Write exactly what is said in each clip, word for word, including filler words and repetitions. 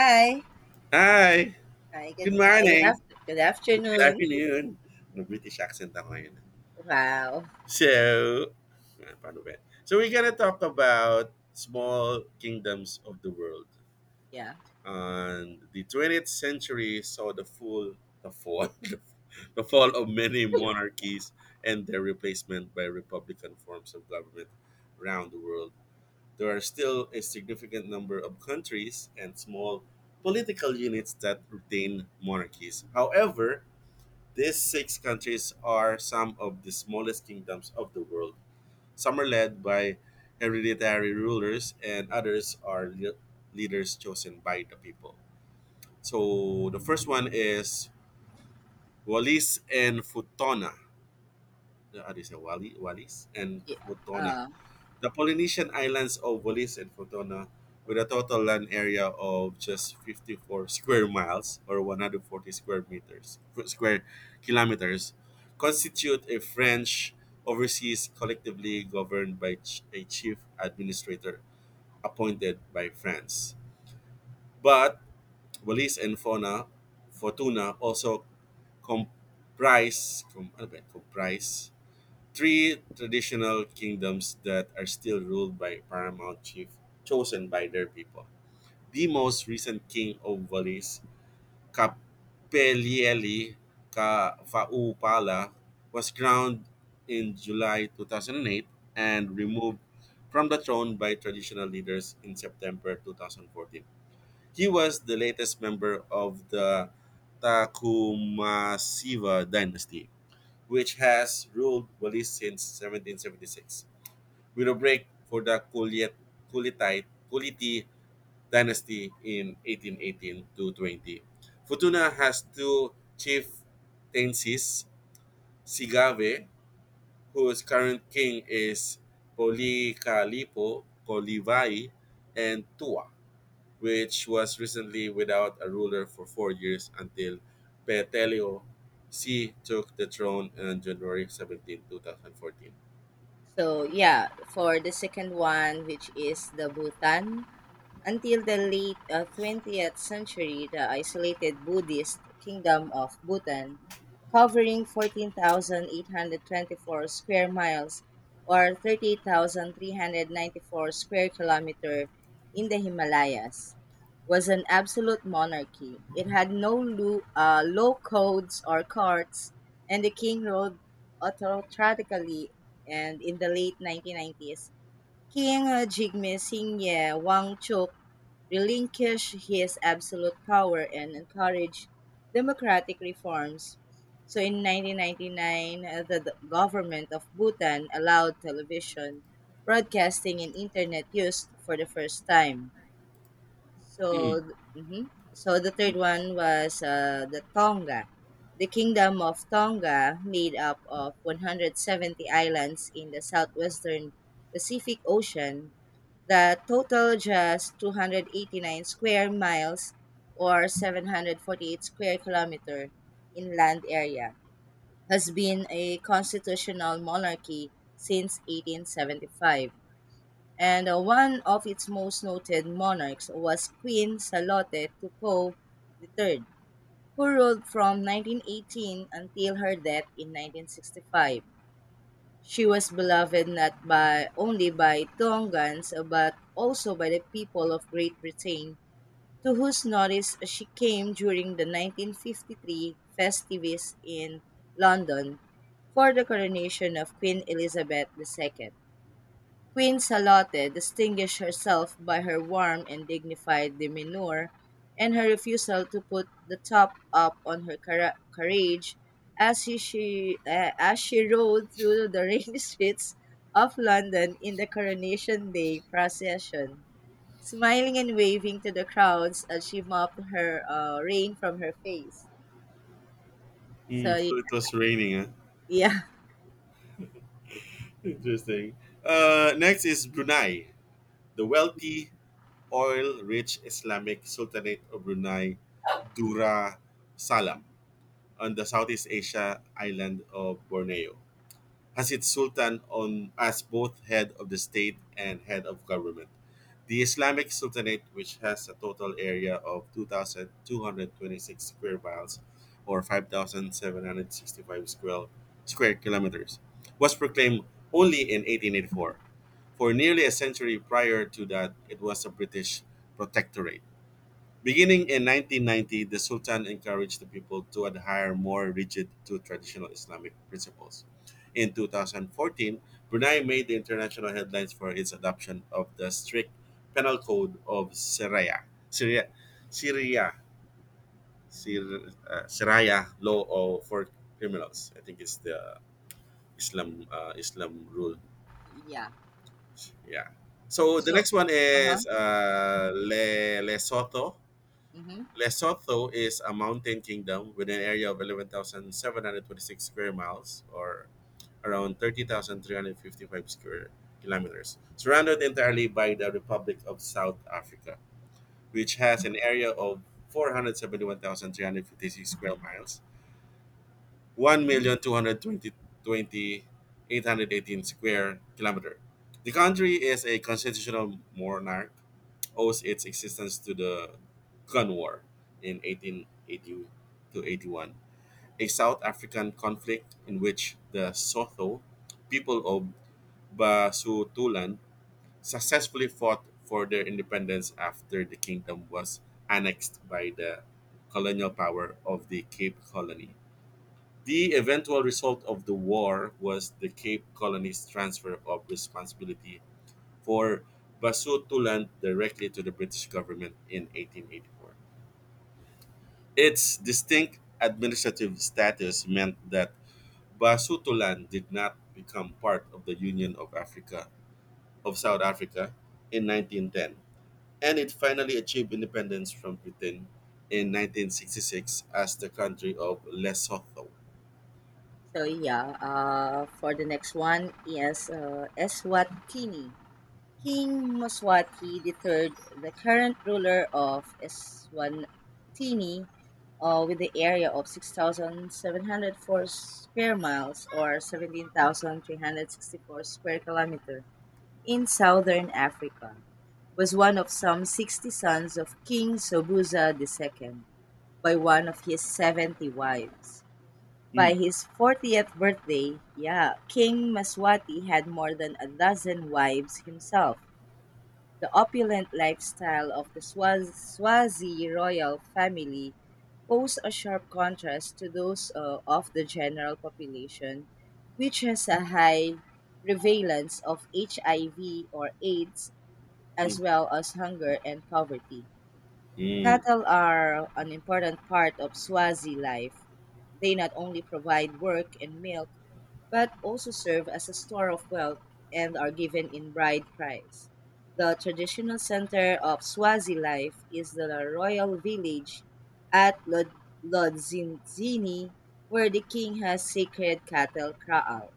Hi. Hi. Hi. Good Good morning. Good morning. after. Good Good afternoon. afternoon. Ano, British accent ako ngayon. Wow. So, ah, paano ba? Yan? So, we're gonna talk about small kingdoms of the world. Yeah. And the twentieth century saw the full, the fall, the fall of many monarchies and their replacement by republican forms of government around the world. There are still a significant number of countries and small political units that retain monarchies. However, these six countries are some of the smallest kingdoms of the world. Some are led by hereditary rulers, and others are le- leaders chosen by the people. So the first one is Wallis and Futuna. Uh, How do you say Wali, Wallis and Yeah. Futuna? Uh, The Polynesian islands of Wallis and Futuna, with a total land area of just fifty-four square miles or one hundred forty square meters square kilometers, constitute a French overseas collectively governed by ch- a chief administrator appointed by France. But Wallis and Fauna, Fortuna also comprise com, ano ba yun? Comprise three traditional kingdoms that are still ruled by paramount chief chosen by their people. The most recent king of Valais, Capelieli Ka- Faupala, was crowned in July two thousand eight and removed from the throne by traditional leaders in September two thousand fourteen. He was the latest member of the Takumasiva dynasty which has ruled Belize since seventeen seventy-six, with a break for the Kulit, Kulitite, Kuliti dynasty in eighteen eighteen to twenty. Futuna has two chieftaincies, Sigave, whose current king is Policalipo Kolivai, and Tua, which was recently without a ruler for four years until Petelio C took the throne on January seventeenth two thousand fourteen. so yeah, for the second one, which is the Bhutan. Until the late uh, twentieth century, the isolated Buddhist kingdom of Bhutan, covering fourteen thousand eight hundred twenty-four square miles or thirty thousand three hundred ninety-four square kilometer in the Himalayas, was an absolute monarchy. It had no lo- uh, law codes or courts, and the king ruled autocratically. And in the late nineteen nineties, King uh, Jigme Singye Wangchuk relinquished his absolute power and encouraged democratic reforms. So in nineteen ninety-nine, uh, the the government of Bhutan allowed television, broadcasting, and internet use for the first time. So, Hmm, th- mhm. so the third one interesting. was uh, the Tonga. The kingdom of Tonga, made up of one hundred seventy islands in the southwestern Pacific Ocean, that total just two hundred eighty-nine square miles or seven hundred forty-eight square kilometer inland area, has been a constitutional monarchy since eighteen seventy-five, and uh, one of its most noted monarchs was Queen Salote Tupou three, who ruled from nineteen eighteen until her death in nineteen sixty-five. She was beloved not by only by Tongans but also by the people of Great Britain, to whose notice she came during the nineteen fifty-three festivities in London for the coronation of Queen Elizabeth the second. Queen Salote distinguished herself by her warm and dignified demeanor and her refusal to put the top up on her cara- carriage as she, she, uh, as she rode through the rainy streets of London in the Coronation Day procession, smiling and waving to the crowds as she mopped her uh, rain from her face. Hmm, So, so it was raining, huh? yeah. Interesting. Uh, next is Brunei, the wealthy, oil rich Islamic Sultanate of Brunei, Dura Salam, on the Southeast Asia island of Borneo, has its sultan on as both head of the state and head of government. The Islamic Sultanate, which has a total area of two thousand two hundred twenty-six square miles or five thousand seven hundred sixty-five square, square kilometers, was proclaimed only in eighteen eighty-four. For nearly a century prior to that, it was a British protectorate. Beginning in nineteen ninety, the Sultan encouraged the people to adhere more rigid to traditional Islamic principles. In two thousand fourteen, Brunei made the international headlines for its adoption of the strict penal code of Syria, Syria, Syria, Syria, uh, Syria law of, for criminals. I think it's the Islam uh, Islam rule. Yeah. Yeah. So the So, next one uh huh. is uh, Le- Lesotho. Mm Lesotho is a mountain kingdom with an area of eleven thousand seven hundred twenty-six square miles or around thirty thousand three hundred fifty-five square kilometers, surrounded entirely by the Republic of South Africa, which has an area of four hundred seventy-one thousand three hundred fifty-six square miles one hmm. million two hundred twenty twenty eight hundred eighteen square kilometer. The country is a constitutional monarch, owes its existence to the Gun War in eighteen eighty to eighty-one, a South African conflict in which the Sotho people of Basutoland successfully fought for their independence after the kingdom was annexed by the colonial power of the Cape Colony. The eventual result of the war was the Cape Colony's transfer of responsibility for Basutoland directly to the British government in eighteen eighty-four. Its distinct administrative status meant that Basutoland did not become part of the Union of Africa of South Africa in nineteen ten, and it finally achieved independence from Britain in nineteen sixty-six as the country of Lesotho. So yeah, uh, for the next one is uh, Eswatini. King Moswati the third, the current ruler of Eswatini, uh, with the area of six thousand seven hundred four square miles or seventeen thousand three hundred sixty-four square kilometer in southern Africa, was one of some sixty sons of King Sobuza the second by one of his seventy wives. By Mm, his fortieth birthday, yeah, King Maswati had more than a dozen wives himself. The opulent lifestyle of the Swaz- Swazi royal family posed a sharp contrast to those uh, of the general population, which has a high prevalence of H I V or AIDS as mm, well as hunger and poverty. mm. Cattle are an important part of Swazi life. They not only provide work and milk, but also serve as a store of wealth and are given in bride price. The traditional center of Swazi life is the royal village at Lod- Lodzini, where the king has sacred cattle kraal.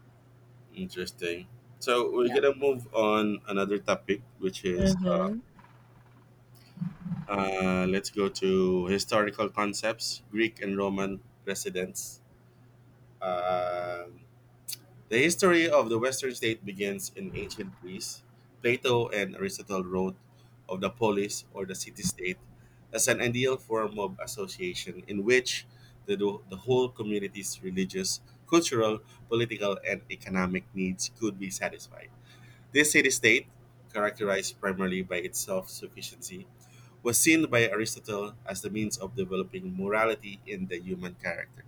Interesting. So we're Yeah. gonna move on another topic, which is uh, Mm-hmm. uh, let's go to historical concepts, Greek and Roman residents. Um the history of the Western state begins in ancient Greece. Plato and Aristotle wrote of the polis or the city-state as an ideal form of association in which the, the whole community's religious, cultural, political, and economic needs could be satisfied. This city state, characterized primarily by its self sufficiency, was seen by Aristotle as the means of developing morality in the human character.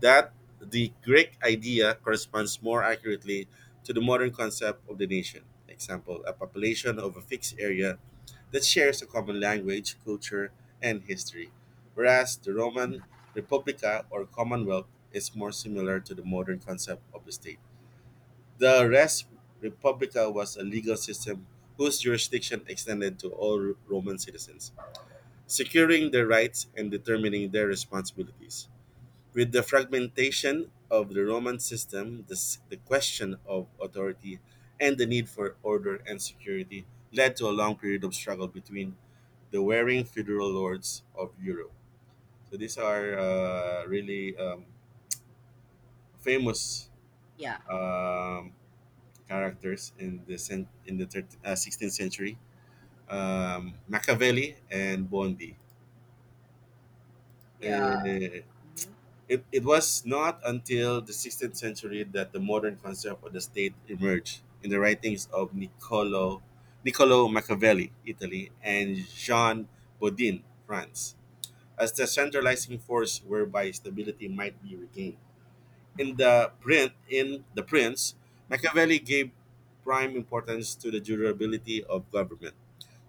That the Greek idea corresponds more accurately to the modern concept of the nation. Example, a population of a fixed area that shares a common language, culture, and history. Whereas the Roman Republica or Commonwealth is more similar to the modern concept of the state. The res publica was a legal system whose jurisdiction extended to all Roman citizens, securing their rights and determining their responsibilities. With the fragmentation of the Roman system, the, s- the question of authority and the need for order and security led to a long period of struggle between the warring feudal lords of Europe. So these are uh, really um, famous Yeah, um, characters in the cen- in the thirt- uh, sixteenth century, um, Machiavelli and Bondi. yeah. Uh, hmm it, it was not until the sixteenth century that the modern concept of the state emerged in the writings of Niccolo, Niccolo Machiavelli, Italy, and Jean Bodin, France, as the centralizing force whereby stability might be regained. In the print, in the Prince, Machiavelli gave prime importance to the durability of government,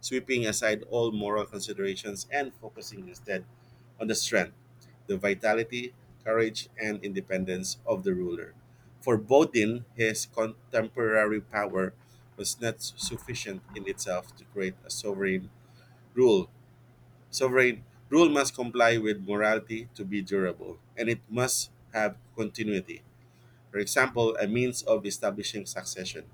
sweeping aside all moral considerations and focusing instead on the strength, the vitality, courage, and independence of the ruler. For Bodin, his contemporary power was not sufficient in itself to create a sovereign rule. Sovereign rule must comply with morality to be durable, and it must have continuity. For example, a means of establishing succession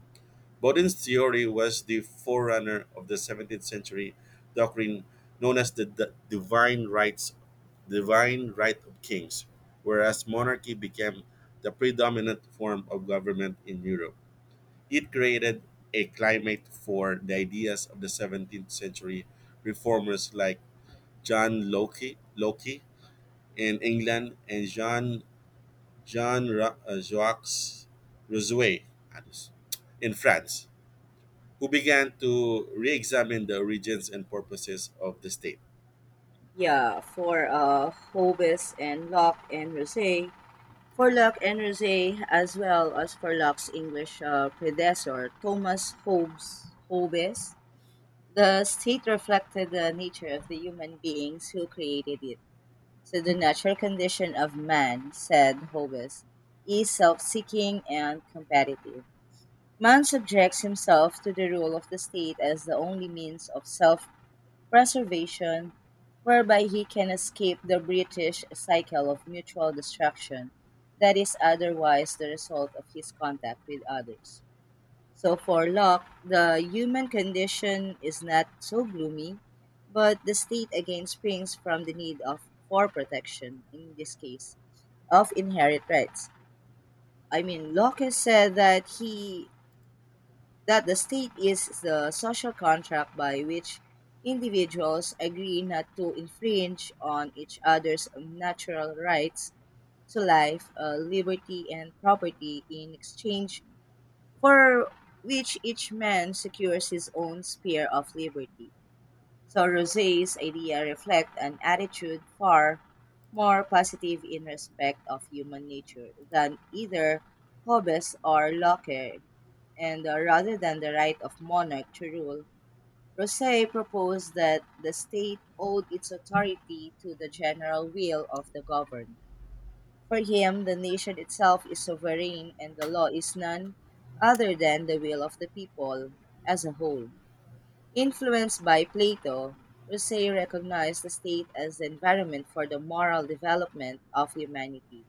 Bodin's theory was the forerunner of the seventeenth century doctrine known as the d- divine rights, divine right of kings, whereas monarchy became the predominant form of government in Europe. It created a climate for the ideas of the seventeenth century reformers like John Locke, Locke in England and Jean Jean Ra- uh, Jacques Rousseau in France who began to re-examine the origins and purposes of the state. yeah, for uh, Hobes and Locke and Rosé. For Locke and Rosé, as well as for Locke's English uh, predecessor, Thomas Hobbes, Hobbes, the state reflected the nature of the human beings who created it. So the natural condition of man, said Hobbes, is self-seeking and competitive. Man subjects himself to the rule of the state as the only means of self-preservation, whereby he can escape the British cycle of mutual destruction that is otherwise the result of his contact with others. So for Locke, the human condition is not so gloomy, but the state again springs from the need of for protection, in this case, of inherent rights. I mean Locke has said that he that the state is the social contract by which individuals agree not to infringe on each other's natural rights to life, uh, liberty and property in exchange for which each man secures his own sphere of liberty. So Rousseau's idea reflect an attitude far more positive in respect of human nature than either Hobbes or Locke, and uh, rather than the right of monarch to rule, Rousseau proposed that the state owed its authority to the general will of the governed. For him, the nation itself is sovereign and the law is none other than the will of the people as a whole. Influenced by Plato, Rousseau recognized the state as the environment for the moral development of humanity.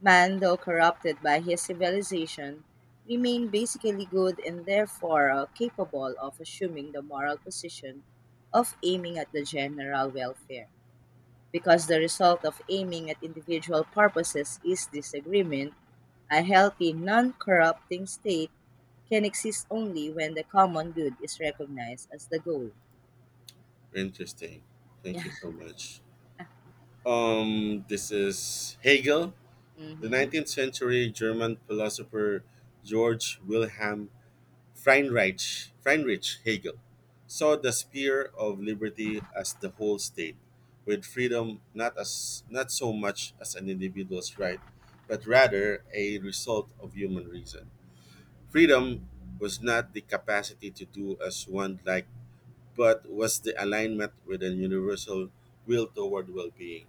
Man, though corrupted by his civilization, remained basically good and therefore uh, capable of assuming the moral position of aiming at the general welfare, because the result of aiming at individual purposes is disagreement, a healthy, non corrupting state can exist only when the common good is recognized as the goal. Interesting. Yeah. Thank you so much. Um, this is Hegel, the hmm nineteenth century German philosopher George Wilhelm Friedrich, Friedrich Hegel saw the sphere of liberty as the whole state, with freedom not as not so much as an individual's right, but rather a result of human reason. Freedom was not the capacity to do as one liked, but was the alignment with a universal will toward well being.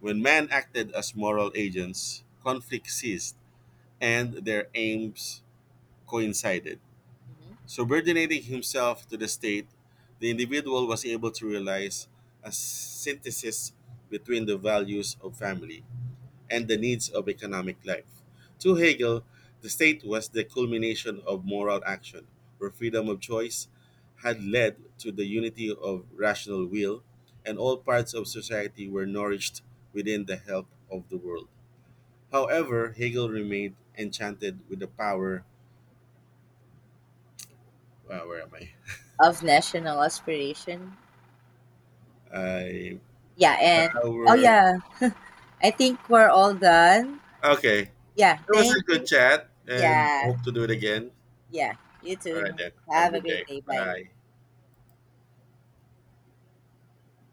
When men acted as moral agents, conflict ceased and their aims coincided. hmm Subordinating himself to the state, the individual was able to realize a synthesis between the values of family, and the needs of economic life. To Hegel, the state was the culmination of moral action, where freedom of choice had led to the unity of rational will, and all parts of society were nourished within the help of the world. However, Hegel remained enchanted with the power. Wow, where am I? Of national aspiration. I Yeah. And, oh, power. yeah, I think we're all done. Okay, Yeah. it was a Thank good you. chat, and Yeah. hope to do it again. Yeah. You All right too. then. Have a Have a good great day. day. Bye. Bye.